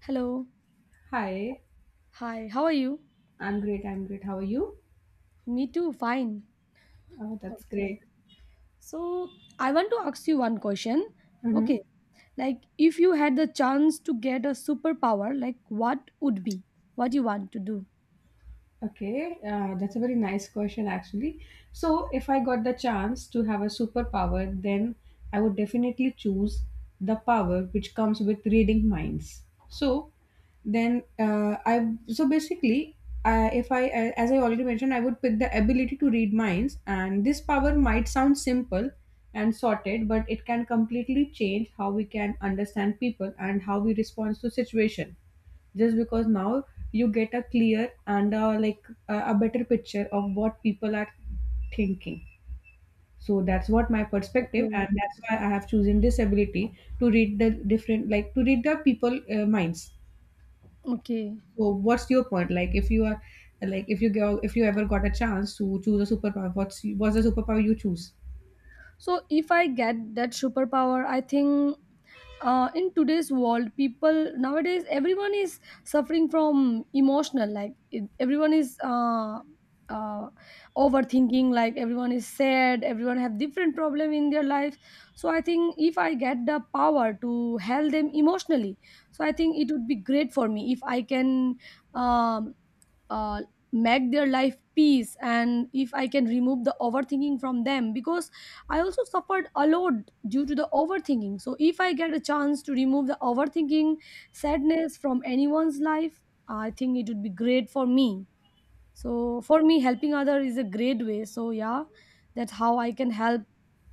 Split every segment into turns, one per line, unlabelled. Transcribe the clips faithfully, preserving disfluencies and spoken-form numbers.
Hello.
Hi,
Hi. How are you?
I'm great. I'm great. How are you?
Me too. Fine.
Oh, that's
Okay.
great.
So I want to ask you one question.
Mm-hmm.
Okay. Like if you had the chance to get a superpower, like what would be? What you want to do?
Okay, uh, that's a very nice question, actually. So, if I got the chance to have a superpower, then I would definitely choose the power which comes with reading minds. So, then uh, I so basically, uh, if I uh, as I already mentioned, I would pick the ability to read minds, and this power might sound simple and sorted, but it can completely change how we can understand people and how we respond to situation just because now you get a clear and a, like a, a better picture of what people are thinking. So that's what my perspective, and
Okay.
that's why I have chosen this ability to read the different like to read the people uh, minds.
Okay.
So what's your point? Like, if you are, like if you go, if you ever got a chance to choose a superpower, what's what's the superpower you choose?
So if I get that superpower, I think uh, in today's world people nowadays, everyone is suffering from emotional like it, everyone is uh, uh, overthinking, like everyone is sad, everyone have different problem in their life. So I think if I get the power to help them emotionally, so I think it would be great for me if I can um, uh, make their life peace, and if I can remove the overthinking from them because I also suffered a lot due to the overthinking. So, if I get a chance to remove the overthinking sadness from anyone's life, I think it would be great for me. So, for me, helping others is a great way. So, yeah, that's how I can help,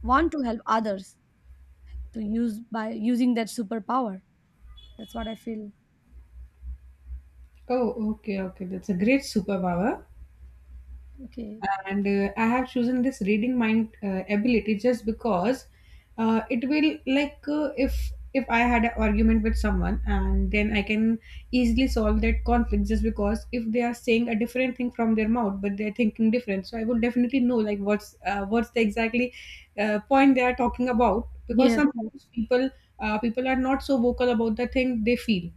want to help others to use by using that superpower. That's what I feel.
Oh, okay, okay, that's a great superpower.
Okay.
And uh, I have chosen this reading mind uh, ability just because uh, it will, like uh, if if I had an argument with someone and then I can easily solve that conflict, just because if they are saying a different thing from their mouth but they're thinking different, so I will definitely know like what's uh, what's the exactly uh, point they are talking about, because
Yes.
sometimes people, uh, people are not so vocal about the thing they feel.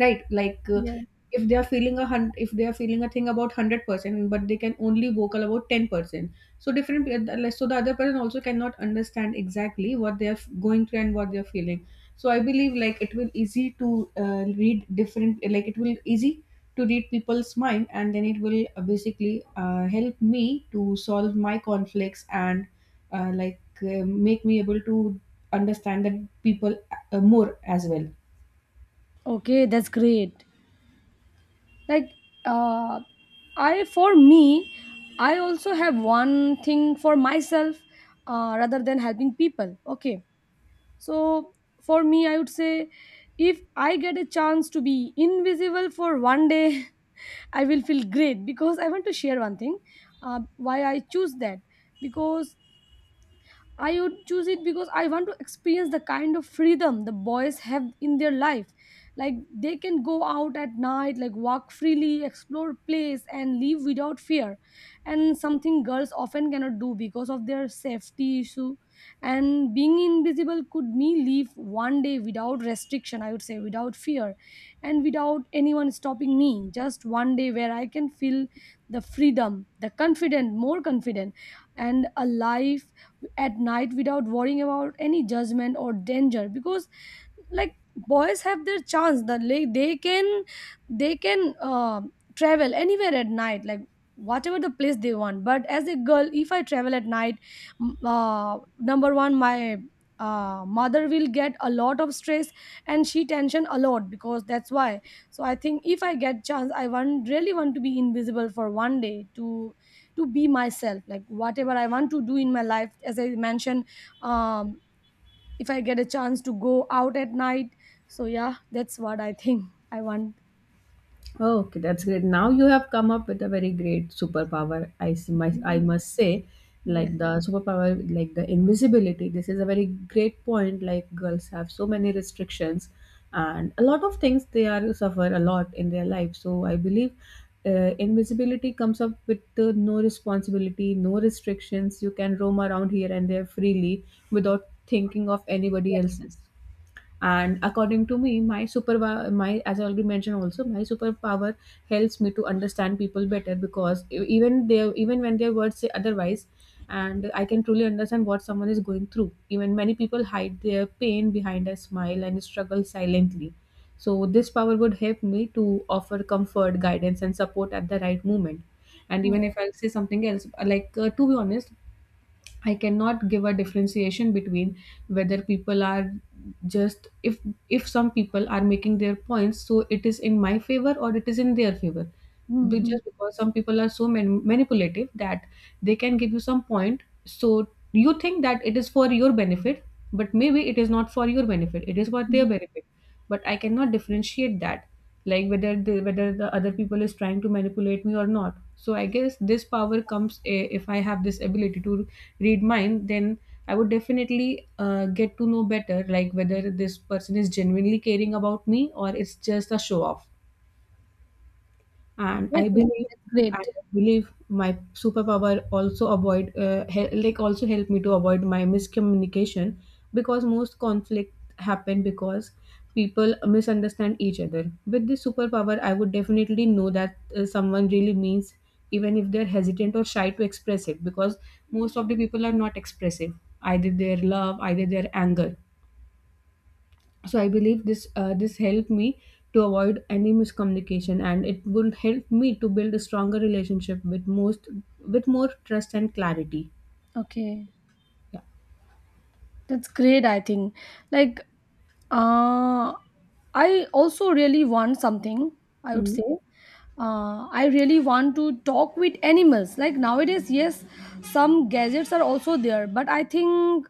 Right, like, uh,
Yeah.
if they are feeling a hun- if they are feeling a thing about hundred percent, but they can only vocal about ten percent. So different, uh, like, so the other person also cannot understand exactly what they are f- going through and what they are feeling. So I believe like it will easy to uh, read different, like it will easy to read people's mind, and then it will, uh, basically, uh, help me to solve my conflicts and, uh, like uh, make me able to understand that people uh, more as well.
Okay, that's great. Like, uh, i for me i also have one thing for myself, uh, rather than helping people. Okay. So for me, I would say, if I get a chance to be invisible for one day, I will feel great because I want to share one thing, uh, why I choose that, because I would choose it because I want to experience the kind of freedom the boys have in their life. Like they can go out at night, like walk freely, explore place, and live without fear. And something girls often cannot do because of their safety issue. And being invisible could me live one day without restriction, I would say, without fear, and without anyone stopping me. Just one day where I can feel the freedom, the confident, more confident, and alive at night without worrying about any judgment or danger because like boys have their chance, the like, they can they can uh, travel anywhere at night, like whatever the place they want. But as a girl, if I travel at night, m- uh, number one, my uh, mother will get a lot of stress and she tension a lot because that's why. So I think if I get chance, I want really want to be invisible for one day to to be myself, like whatever I want to do in my life as I mentioned, um, if I get a chance to go out at night. So yeah, that's what I think I want.
Oh, okay, that's great. Now you have come up with a very great superpower, I see. My, I
Mhm.
must say,
Yeah,
like the superpower, like the invisibility, this is a very great point. Like, girls have so many restrictions, and a lot of things, they are suffer a lot in their life. So I believe uh, invisibility comes up with uh, no responsibility, no restrictions. You can roam around here and there freely without thinking of
yeah,
anybody else's. And according to me, my super my as I already mentioned also, my superpower helps me to understand people better, because e- even they, even when their words say otherwise, and I can truly understand what someone is going through. Even many people hide their pain behind a smile and struggle silently, so this power would help me to offer comfort, guidance and support at the right moment. And
yeah.
even if I'll say something else, like, uh, to be honest, I cannot give a differentiation between whether people are just, if if some people are making their points, so it is in my favor or it is in their favor, be,
Hmm.
just because some people are so man- manipulative that they can give you some point, so you think that it is for your benefit, but maybe it is not for your benefit, it is for their benefit. But I cannot differentiate that, like whether the whether the other people is trying to manipulate me or not. So I guess this power comes, eh, if I have this ability to read mind, then I would definitely uh, get to know better, like whether this person is genuinely caring about me or it's just a show off. And i
Definitely, that's
believe i
great.
believe my superpower also avoid uh, hel- like also help me to avoid my miscommunication, because most conflict happen because people misunderstand each other. With this superpower, I would definitely know that uh, someone really means, even if they're hesitant or shy to express it, because most of the people are not expressive, either their love, either their anger. So I believe this, uh, this helped me to avoid any miscommunication, and it will help me to build a stronger relationship with most with more trust and clarity.
Okay,
Yeah.
that's great. I think, like, uh, I also really want something. I would
Mm.
say, uh, I really want to talk with animals. Like nowadays, yes, some gadgets are also there, but I think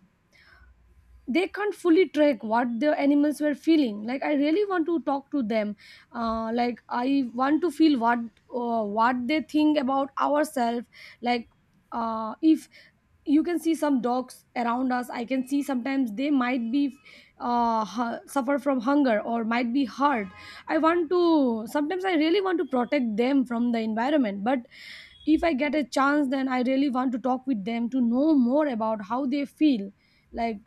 they can't fully track what the animals were feeling, like I really want to talk to them. Uh, like, I want to feel what uh, what they think about ourselves. Like, uh, if you can see some dogs around us, I can see sometimes they might be uh, hu- suffer from hunger or might be hurt. I want to sometimes, I really want to protect them from the environment, but if I get a chance, then I really want to talk with them to know more about how they feel, like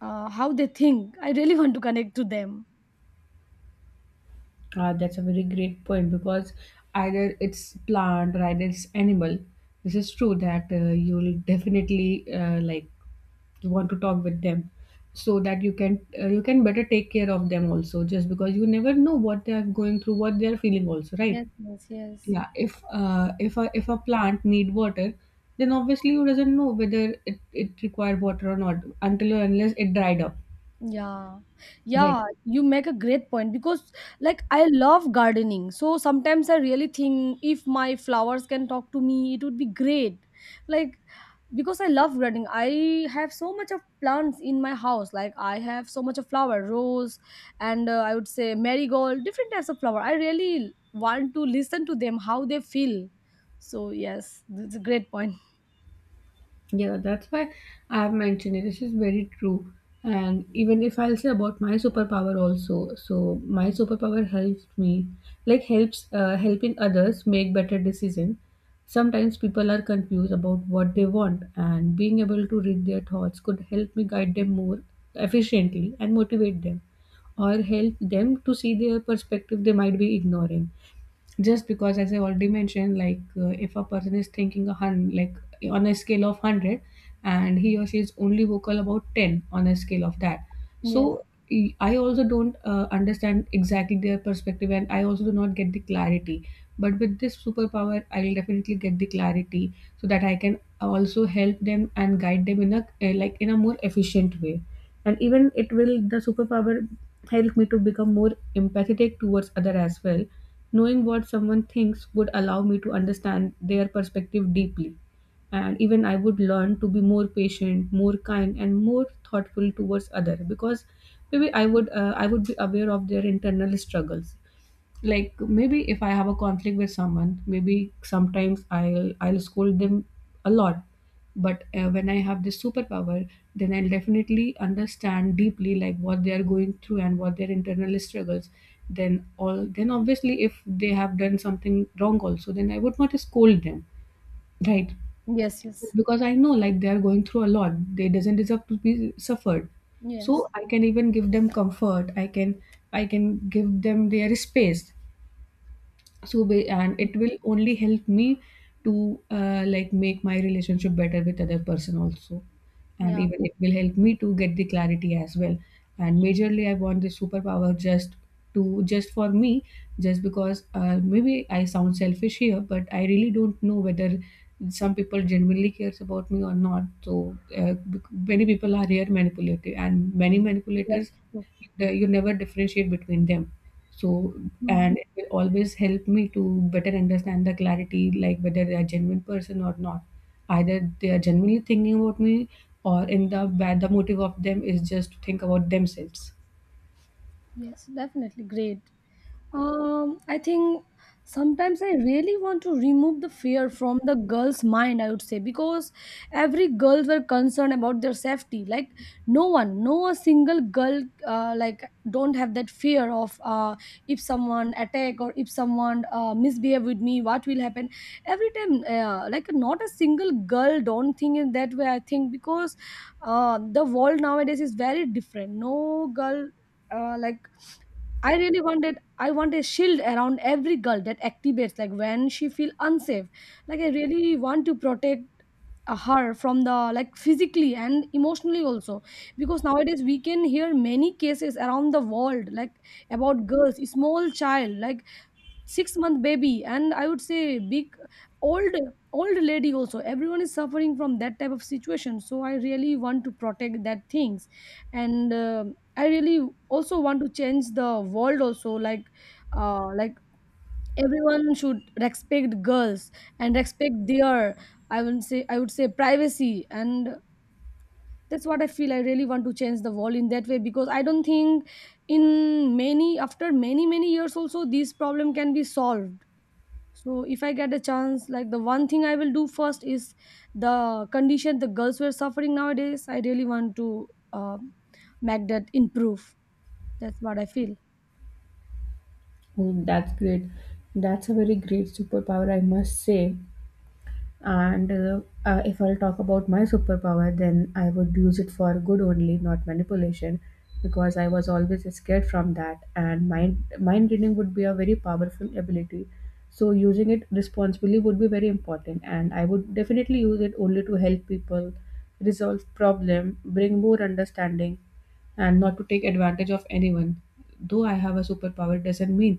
uh, how they think. I really want to connect to them.
uh, That's a very great point, because either it's plant or either it's animal, this is true that, uh, you'll definitely, uh, like want to talk with them, so that you can, uh, you can better take care of them also, just because you never know what they are going through, what they are feeling also, right?
Yes, yes, yes.
Yeah, if uh, if a, if a plant need water, then obviously you doesn't know whether it, it require water or not, until or unless it dried up.
Yeah,
Right.
yeah, you make a great point because, like, I love gardening. So sometimes I really think if my flowers can talk to me, it would be great. Like, because I love gardening, I have so much of plants in my house. Like, I have so much of flower, rose, and uh, I would say marigold, different types of flower. I really want to listen to them, how they feel. So, yes, that's a great point.
Yeah, that's why I've mentioned it. This is very true. And even if I'll say about my superpower also, so my superpower helps me, like helps uh, helping others make better decisions. Sometimes people are confused about what they want, and being able to read their thoughts could help me guide them more efficiently and motivate them, or help them to see their perspective they might be ignoring, just because, as I already mentioned, like, uh, if a person is thinking a hundred, like on a scale of one hundred, and he or she is only vocal about ten on a scale of that.
Yes.
So e- I also don't uh, understand exactly their perspective, and I also do not get the clarity. But with this superpower, I'll definitely get the clarity, so that I can also help them and guide them in a, uh, like in a more efficient way. And even it will, the superpower help me to become more empathetic towards other as well. Knowing what someone thinks would allow me to understand their perspective deeply. And even I would learn to be more patient, more kind, and more thoughtful towards other, because maybe I would, uh, I would be aware of their internal struggles. Like, maybe if I have a conflict with someone, maybe sometimes i'll i'll scold them a lot. But uh, when I have this superpower, then I'll definitely understand deeply like what they are going through and what their internal struggles. Then all, then obviously if they have done something wrong also, then I would not scold them, right?
Yes, yes.
Because I know like they are going through a lot, they doesn't deserve to be suffered. So
Yes.
I can even give them comfort, i can I can give them their space. So ba- and it will only help me to, uh, like make my relationship better with other person also. And
Yeah.
even it will help me to get the clarity as well. And majorly, I want this superpower just, to just for me, just because, uh, maybe I sound selfish here, but I really don't know whether some people genuinely cares about me or not. So uh, bec- many people are here manipulative and many
Yes.
manipulators,
True.
the, you never differentiate between them. So,
Hmm.
and it will always help me to better understand the clarity, like whether they are genuine person or not. Either they are genuinely thinking about me, or in the bad, the motive of them is just to think about themselves.
Yes, definitely great. Um, I think sometimes I really want to remove the fear from the girl's mind, I would say, because every girls were concerned about their safety. Like no one, no a single girl uh, like don't have that fear of uh, if someone attack or if someone uh, misbehave with me, what will happen? Every time, uh, like not a single girl don't think in that way, I think, because uh, the world nowadays is very different. No girl, uh, like, I really wanted I want a shield around every girl that activates like when she feel unsafe. Like, I really want to protect uh, her from the like physically and emotionally also because nowadays we can hear many cases around the world like about girls small child, like six month baby, and I would say big, old old lady also. Everyone is suffering from that type of situation, so I really want to protect that things. And uh, I really also want to change the world also, like uh, like everyone should respect girls and respect their, i would say i would say privacy. And that's what I feel, I really want to change the world in that way because I don't think in many after many many years also this problem can be solved. So if I get a chance, like the one thing I will do first is the condition the girls were suffering nowadays. I really want to uh, make that improve. That's what I feel.
Oh, that's great. That's a very great superpower, I must say. And uh, uh, if I'll talk about my superpower, then I would use it for good only, not manipulation, because I was always scared from that. And mind mind reading would be a very powerful ability. So using it responsibly would be very important, and I would definitely use it only to help people resolve problem, bring more understanding, and not to take advantage of anyone. Though I have a superpower, it doesn't mean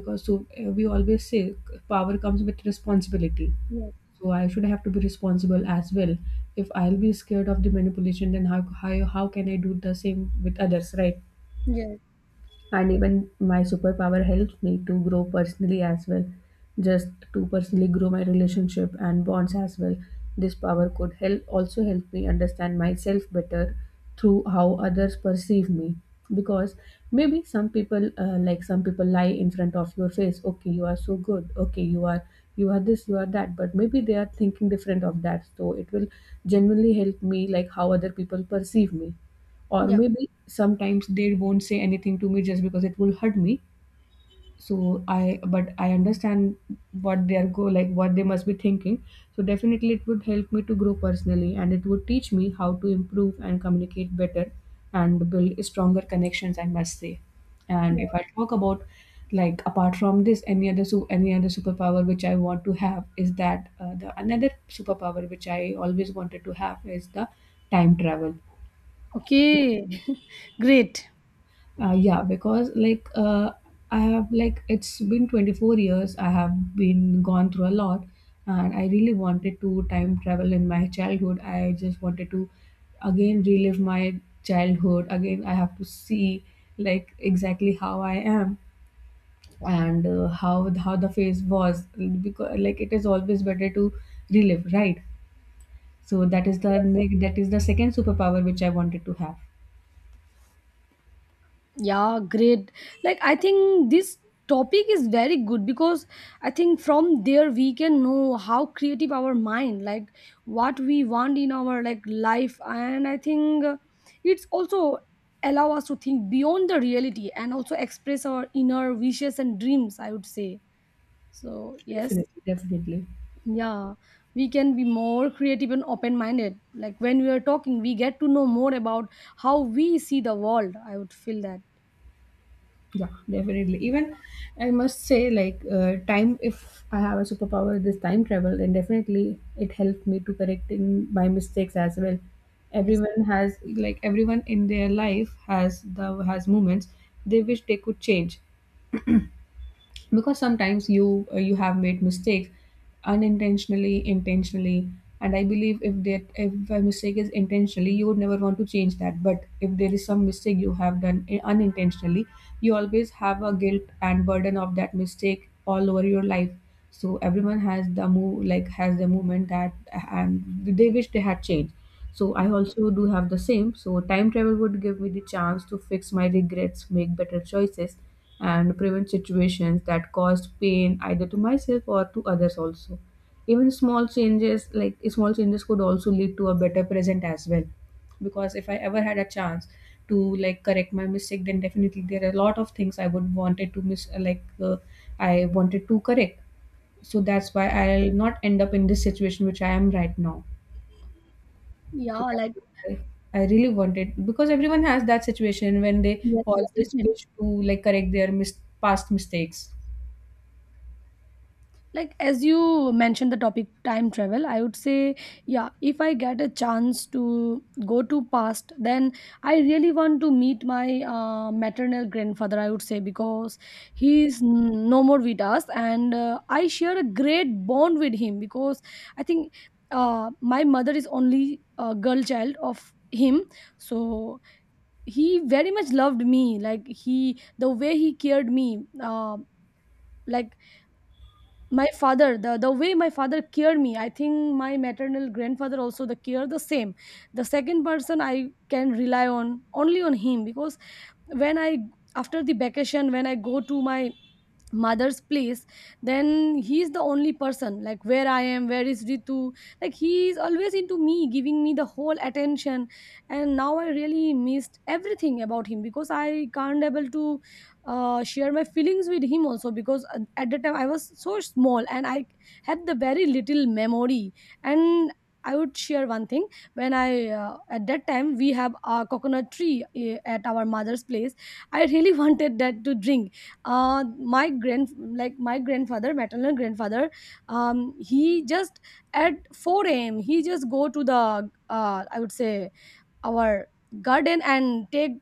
because so, uh, we always say power comes with responsibility,
Yeah,
so I should have to be responsible as well. If I'll be scared of the manipulation, then how how, how can I do the same with others, right?
yes,
And even my superpower helps me to grow personally as well, just to personally grow my relationship and bonds as well. This power could help also help me understand myself better through how others perceive me. Because maybe some people uh, like some people lie in front of your face: okay, you are so good, okay, you are, you are this, you are that, but maybe they are thinking different of that. So it will genuinely help me, like how other people perceive me. Or
yeah,
maybe sometimes they won't say anything to me just because it will hurt me. So i but i understand what they are go like what they must be thinking. So definitely it would help me to grow personally, and it would teach me how to improve and communicate better and build stronger connections, I must say. And
yeah.
if I talk about, like, apart from this, any other su- any other superpower which I want to have is that, uh, the another superpower which I always wanted to have is the time travel.
Okay, great.
Uh, yeah, because like uh, I have, like it's been twenty-four years. I have been gone through a lot, and I really wanted to time travel in my childhood. I just wanted to again relive my childhood. Again, I have to see like exactly how I am, and uh, how how the phase was, because like it is always better to relive, right? So that is the like, that is the second superpower which I wanted to have.
Yeah, great. Like, I think this topic is very good because I think from there we can know how creative our mind, like what we want in our like life, and I think, uh, it's also allow us to think beyond the reality and also express our inner wishes and dreams. I would say so. Yes,
Definitely, definitely.
yeah, we can be more creative and open minded. Like when we are talking, we get to know more about how we see the world. I would feel that.
Yeah, definitely, even I must say, like uh, time, if I have a superpower, this time travel, then definitely it helped me to correcting my mistakes as well.
Yes.
Everyone has like everyone in their life has the has moments they wish they could change. Because sometimes you uh, you have made mistakes, unintentionally, intentionally, and I believe if that if a mistake is intentionally, you would never want to change that. But if there is some mistake you have done i- unintentionally, you always have a guilt and burden of that mistake all over your life. So everyone has the move like has the moment that, and they wish they had changed. So I also do have the same. So time travel would give me the chance to fix my regrets, make better choices, and prevent situations that caused pain either to myself or to others also. Even small changes like Small changes could also lead to a better present as well. Because if I ever had a chance to like correct my mistake, then definitely there are a lot of things I would wanted to miss, like uh, I wanted to correct, so that's why I'll not end up in this situation which I am right now.
Yeah,
So that's
like,
what I, I really wanted, because everyone has that situation when they
yes, yes,
always
definitely.
wish to like correct their mis- past mistakes.
Like as you mentioned the topic time travel, I would say, yeah, if I get a chance to go to past, then I really want to meet my uh, maternal grandfather, I would say, because he is n- no more with us. And uh, I share a great bond with him because I think, uh, my mother is only a girl child of him. So he very much loved me, like he the way he cared me, uh, like my father, the the way my father cared me, I think my maternal grandfather also the care the same. The second person I can rely on only on him because when I, after the vacation when I go to my mother's place, then he's the only person like where I am, where is Ritu, like he's always into me giving me the whole attention. And now I really missed everything about him because I can't able to uh, share my feelings with him also because at at the time I was so small and I had the very little memory. And I would share one thing. When I, uh, at that time we have a coconut tree, eh, at our mother's place. I really wanted that to drink. uh, my grand like my grandfather, maternal grandfather, um, he just at four a m he just go to the, uh, I would say, our garden and take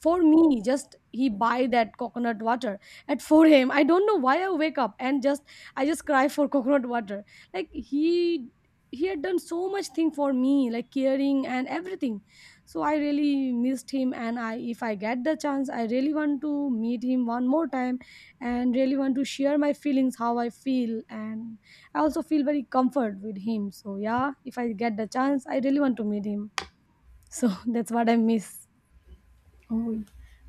for me. Just he buy that coconut water at four a m. I don't know why I wake up, and just I just cry for coconut water. Like he he had done so much thing for me, like caring and everything. So I really missed him, and I if I get the chance, I really want to meet him one more time and really want to share my feelings how I feel. And I also feel very comfort with him. So yeah, if I get the chance, I really want to meet him. So that's what I miss.
Oh,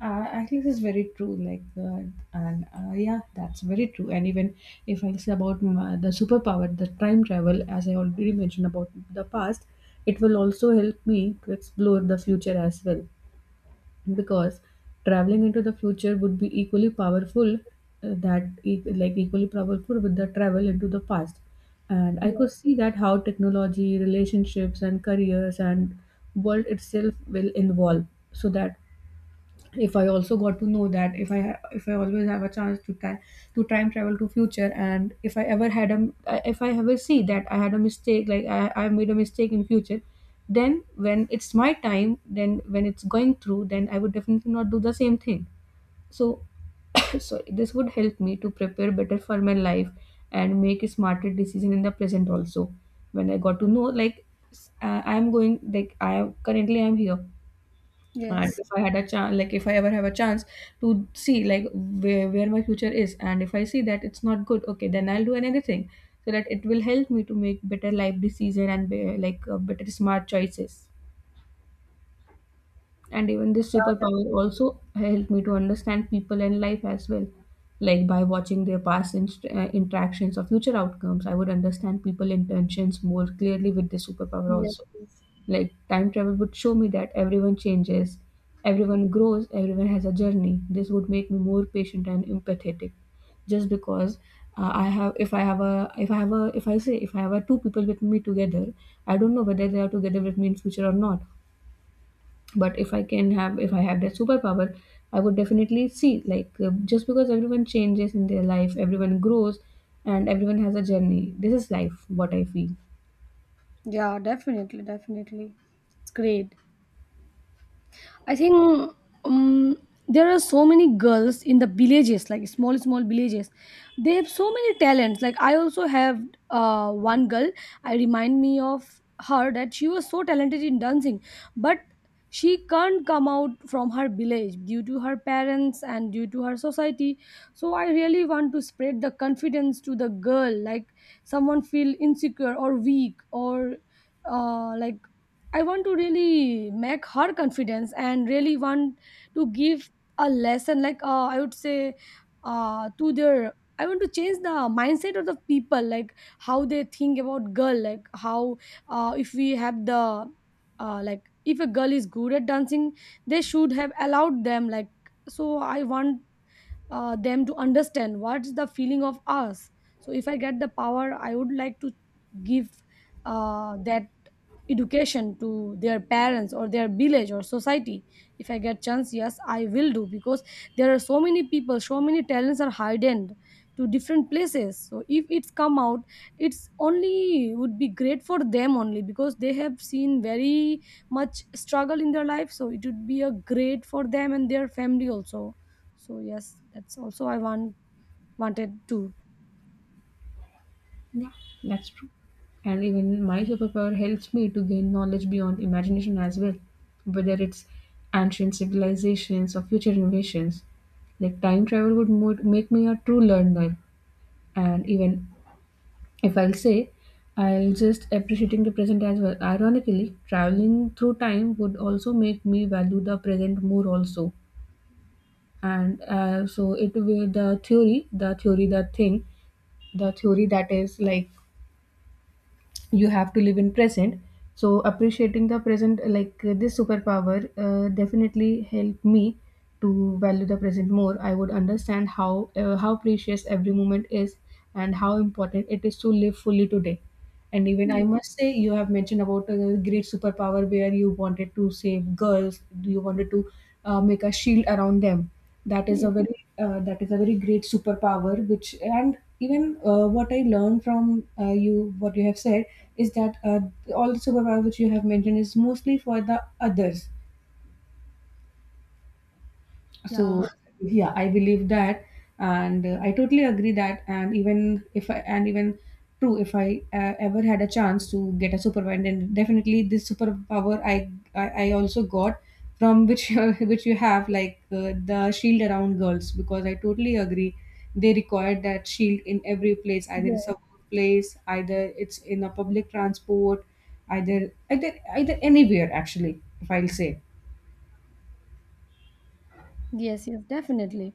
uh, actually, this is very true. Like, uh, and uh, Yeah, that's very true. And even if I say about my, the superpower, the time travel, as I already mentioned about the past, it will also help me to explore the future as well. Because traveling into the future would be equally powerful, uh, that e- like equally powerful with the travel into the past. And I
Yeah.
could see that how technology, relationships, and careers and world itself will involve. So that if I also got to know that if i ha- if I always have a chance to time to time travel to future, and if I ever had a if I ever see that I had a mistake, like i, I made a mistake in future, then when it's my time, then when it's going through, then I would definitely not do the same thing. So so this would help me to prepare better for my life and make a smarter decision in the present also. When I got to know like s- uh, I'm going like I am currently, I'm here, and
Yes.
if I had a chance, like if I ever have a chance to see like where, where my future is, and if I see that it's not good, okay, then I'll do another thing. So that it will help me to make better life decision and be, like uh, better smart choices. And even this
Yeah. Def-
superpower also helped me to understand people and life as well, like by watching their past inst- uh, interactions or future outcomes. I would understand people intentions more clearly with this superpower
yes.
also.
Yes.
Like time travel would show me that everyone changes, everyone grows, everyone has a journey. This would make me more patient and empathetic. Just because uh, I have, if I have a, if I have a, if I say, if I have a two people with me together, I don't know whether they are together with me in future or not. But if I can have, if I have that superpower, I would definitely see, like uh, just because everyone changes in their life, everyone grows, and everyone has a journey. This is life, what I feel.
Yeah. Definitely. Definitely. It's great. I think, um, there are so many girls in the villages, like small, small villages. They have so many talents. Like I also have uh, one girl. I remind me of her that she was so talented in dancing, but she can't come out from her village due to her parents and due to her society. So I really want to spread the confidence to the girl, like someone feel insecure or weak or uh, like I want to really make her confidence and really want to give a lesson, like uh, I would say, uh, to their. I want to change the mindset of the people, like how they think about girl, like how uh, if we have the uh, like if a girl is good at dancing, they should have allowed them. Like so, I want uh, them to understand what's the feeling of us. So if I get the power, I would like to give uh, that education to their parents or their village or society. If I get chance, yes, I will do, because there are so many people, so many talents are hidden to different places. So if it's come out, it's only would be great for them only, because they have seen very much struggle in their life, so it would be a great for them and their family also. So yes, that's also I want wanted to.
Yeah, that's true. And even my superpower helps me to gain knowledge beyond imagination as well, whether it's ancient civilizations or future innovations. Like time travel would mo- make me a true learner. And even if I'll say, I'll just appreciating the present as well. Ironically, traveling through time would also make me value the present more also. And uh, so it will the theory, the theory, the thing, the theory that is like you have to live in present. So appreciating the present, like uh, this superpower uh, definitely helped me to value the present more. I would understand how uh, how precious every moment is and how important it is to live fully today. And even I must say, you have mentioned about a great superpower where you wanted to save girls, you wanted to uh, make a shield around them. That is
Yeah,
a very uh, that is a very great superpower. Which and even uh, what I learned from uh, you, what you have said, is that uh, all the superpower which you have mentioned is mostly for the others.
yeah,
So yeah, I believe that. And uh, I totally agree that. And even if I and even True, if I uh, ever had a chance to get a superpower, then definitely this superpower i i, I also got from which which you have like uh, the shield around girls. Because I totally agree, they require that shield in every place, either it's a workplace, either it's in a public transport, either either either anywhere actually, if I'll say.
yes, yes, definitely.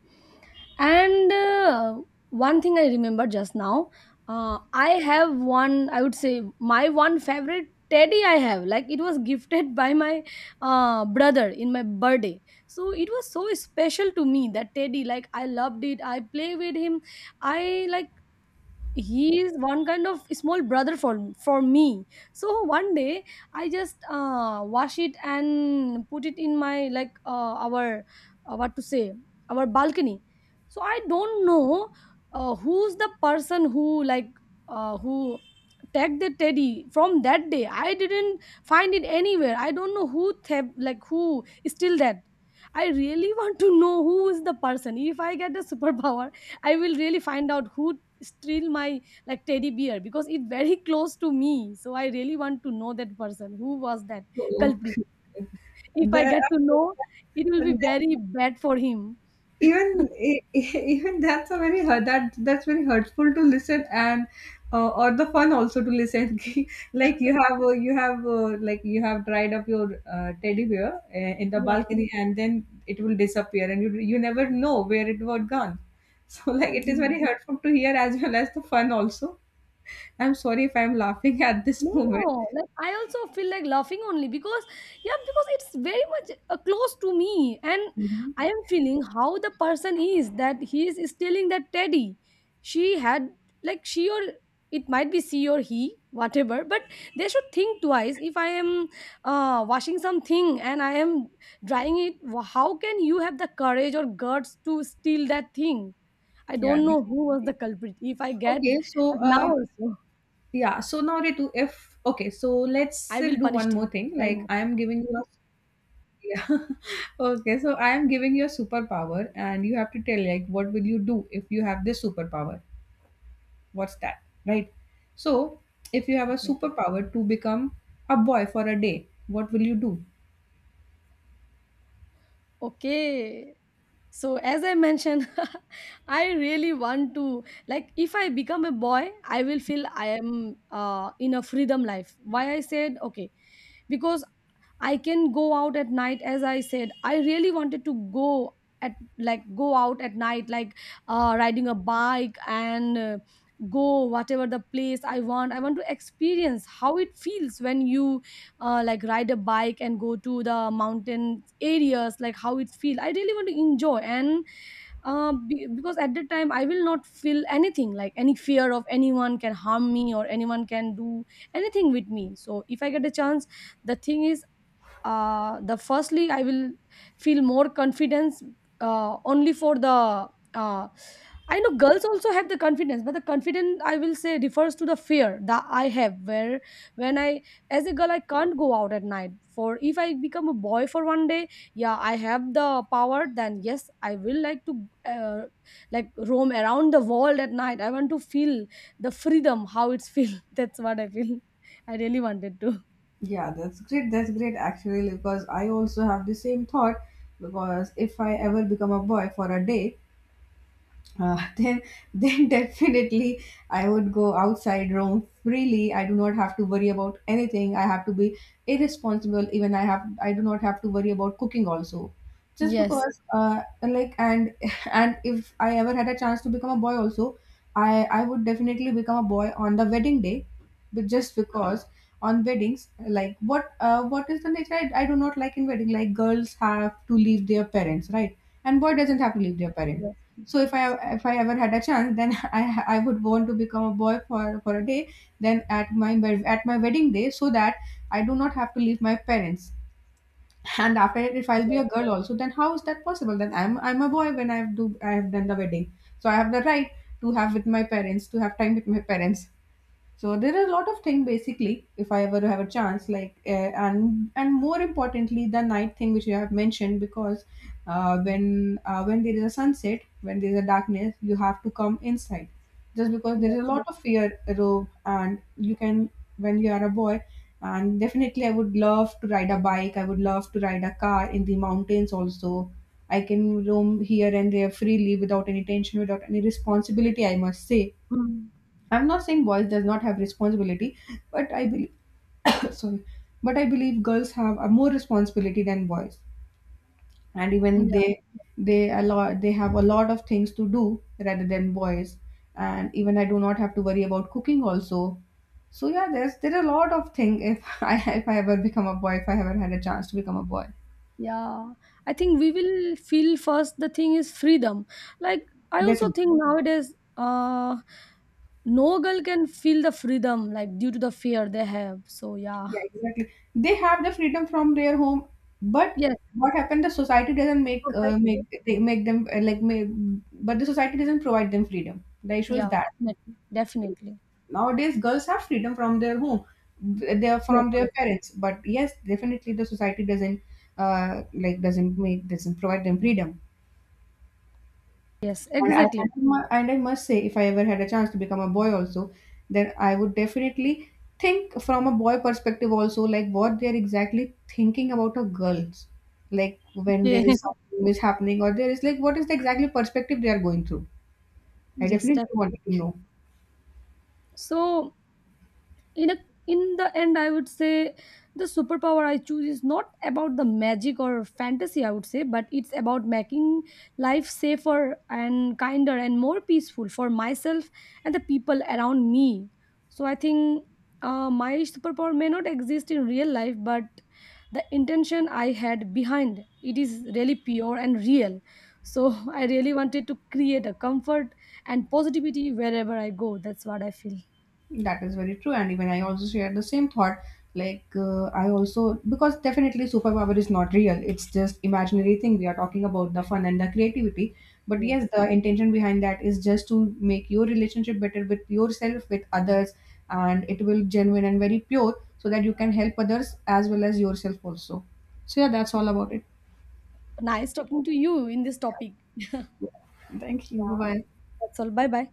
And uh, one thing I remember just now, uh, I have one. I would say my one favorite teddy I have. Like it was gifted by my uh, brother in my birthday, so it was so special to me, that teddy. Like I loved it. I play with him. I like he is one kind of small brother for for me. So one day I just uh, wash it and put it in my, like, uh, our, uh, what to say, our balcony. So I don't know, uh, who's the person who, like, uh, who tagged the teddy. From that day I didn't find it anywhere. I don't know who thab- like who still that. I really want to know who is the person. If I get a superpower, I will really find out who still my, like, teddy bear, because it's very close to me, so I really want to know that person, who was that culprit.
Okay.
If I
The,
get to know, it will
and
be
that,
very bad for him.
Even e- e- even that's a very hurt, that that's very hurtful to listen, and uh, or the fun also to listen. Like you have uh, you have uh, like you have dried up your uh, teddy bear uh, in the
Yeah.
balcony, and then it will disappear, and you you never know where it was gone. So like it is very hurtful to hear as well as the fun also. I'm sorry if I'm laughing at this
No,
moment.
no. Like I also feel like laughing only because, yeah, because it's very much uh, close to me, and
Mhm.
I am feeling how the person is that he is stealing that teddy. She had, like, she or it might be she or he, whatever. But they should think twice. If I am uh, washing something and I am drying it, wh- how can you have the courage or guts to steal that thing? I
Yeah.
don't know who was the culprit. If I get,
Okay, so
like, now
uh,
also,
Yeah. So now, Ritu, if okay, so let's
I
uh,
will
do
punish
one more
him.
thing.
Right.
Like I am giving you a, yeah. Okay, so I am giving you a superpower, and you have to tell like what will you do if you have this superpower? What's that? Right. So if you have a
Okay.
superpower to become a boy for a day, what will you do?
Okay. So as I mentioned, I really want to, like, if I become a boy, I will feel I am uh, in a freedom life. Why I said okay, because I can go out at night, as I said. I really wanted to go at, like, go out at night like uh, riding a bike and uh, go whatever the place I want. I want to experience how it feels when you uh, like ride a bike and go to the mountain areas, like how it feels. I really want to enjoy and uh, be- because at that time I will not feel anything, like any fear of anyone can harm me or anyone can do anything with me. So if I get a chance, the thing is, uh, the firstly I will feel more confidence, uh, only for the uh, I know girls also have the confidence, but the confidence, I will say, refers to the fear that I have, where when I, as a girl, I can't go out at night. For if I become a boy for one day, yeah, I have the power, then yes, I will like to uh, like roam around the world at night. I want to feel the freedom, how it's feel, that's what I feel. I really wanted to.
Yeah, that's great. That's great actually, because I also have the same thought. Because if I ever become a boy for a day, uh, then then definitely I would go outside, roam freely. I do not have to worry about anything. I have to be irresponsible. Even I have I do not have to worry about cooking also, just
Yes,
because uh, like and and if I ever had a chance to become a boy also, I I would definitely become a boy on the wedding day. But just because on weddings, like what uh, what is the nature I, I do not like in wedding, like girls have to leave their parents, right, and boy doesn't have to leave their parent.
yes,
So if i
yes.
if I ever had a chance, then i i would want to become a boy for for a day, then at my wed- at my wedding day, so that I do not have to leave my parents. And after it, if I'll be
Yes,
a girl also, then how is that possible? Then i'm i'm a boy when I do, I have done the wedding, so I have the right to have with my parents, to have time with my parents. So there are a lot of things basically. If I ever have a chance, like uh, and and more importantly, the night thing which you have mentioned. Because uh, when uh, when there is a sunset, when there is a darkness, you have to come inside, just because there
yes,
is a lot
yes.
of fear, row, and you can, when you are a boy. And definitely, I would love to ride a bike. I would love to ride a car in the mountains. Also, I can roam here and there freely without any tension, without any responsibility. I must say,
Mm.
I'm not saying boys does not have responsibility, but I believe sorry, but I believe girls have a more responsibility than boys. And even
Yeah,
they they a lot they have a lot of things to do rather than boys, and even I do not have to worry about cooking also. So yeah, there's there's a lot of thing if I if I ever become a boy, if I ever had a chance to become a boy,
yeah. I think we will feel first the thing is freedom. Like I also
definitely.
think nowadays, uh, no girl can feel the freedom like due to the fear they have. So yeah,
Yeah, exactly. They have the freedom from their home, but
yes,
what happened? The society doesn't make uh,
society.
make they make them uh, like make, but the society doesn't provide them freedom. The issue is
Yeah,
that
definitely, definitely.
nowadays girls have freedom from their home, th- they are
Yes,
from their
yes,
parents. But yes, definitely the society doesn't uh, like doesn't make doesn't provide them freedom.
yes,
And I, and
exactly.
I mu- and I must say, if I ever had a chance to become a boy also, then I would definitely think from a boy perspective also, like what they're exactly thinking about a girls, like when there
Okay.
is something is happening, or there is like what is the exactly perspective they are going through. I
Yes,
definitely
definitely.
wanted to know.
So in a, in the end, I would say the superpower I choose is not about the magic or fantasy, I would say, but it's about making life safer and kinder and more peaceful for myself and the people around me. So I think uh, my superpower may not exist in real life, but the intention I had behind it is really pure and real. So I really wanted to create a comfort and positivity wherever I go, that's what I feel.
That is very true, and even I also share the same thought. Like uh, I also, because definitely superpower is not real; it's just imaginary thing. We are talking about the fun and the creativity, but yes,
Yes.
the intention behind that is just to make your relationship better with yourself, with others, and it will genuine and very pure, so that you can help others as well as yourself also. So yeah, that's all about it.
Nice talking to you in this topic.
Thank you.
Yeah,
Bye bye.
that's all. Bye bye.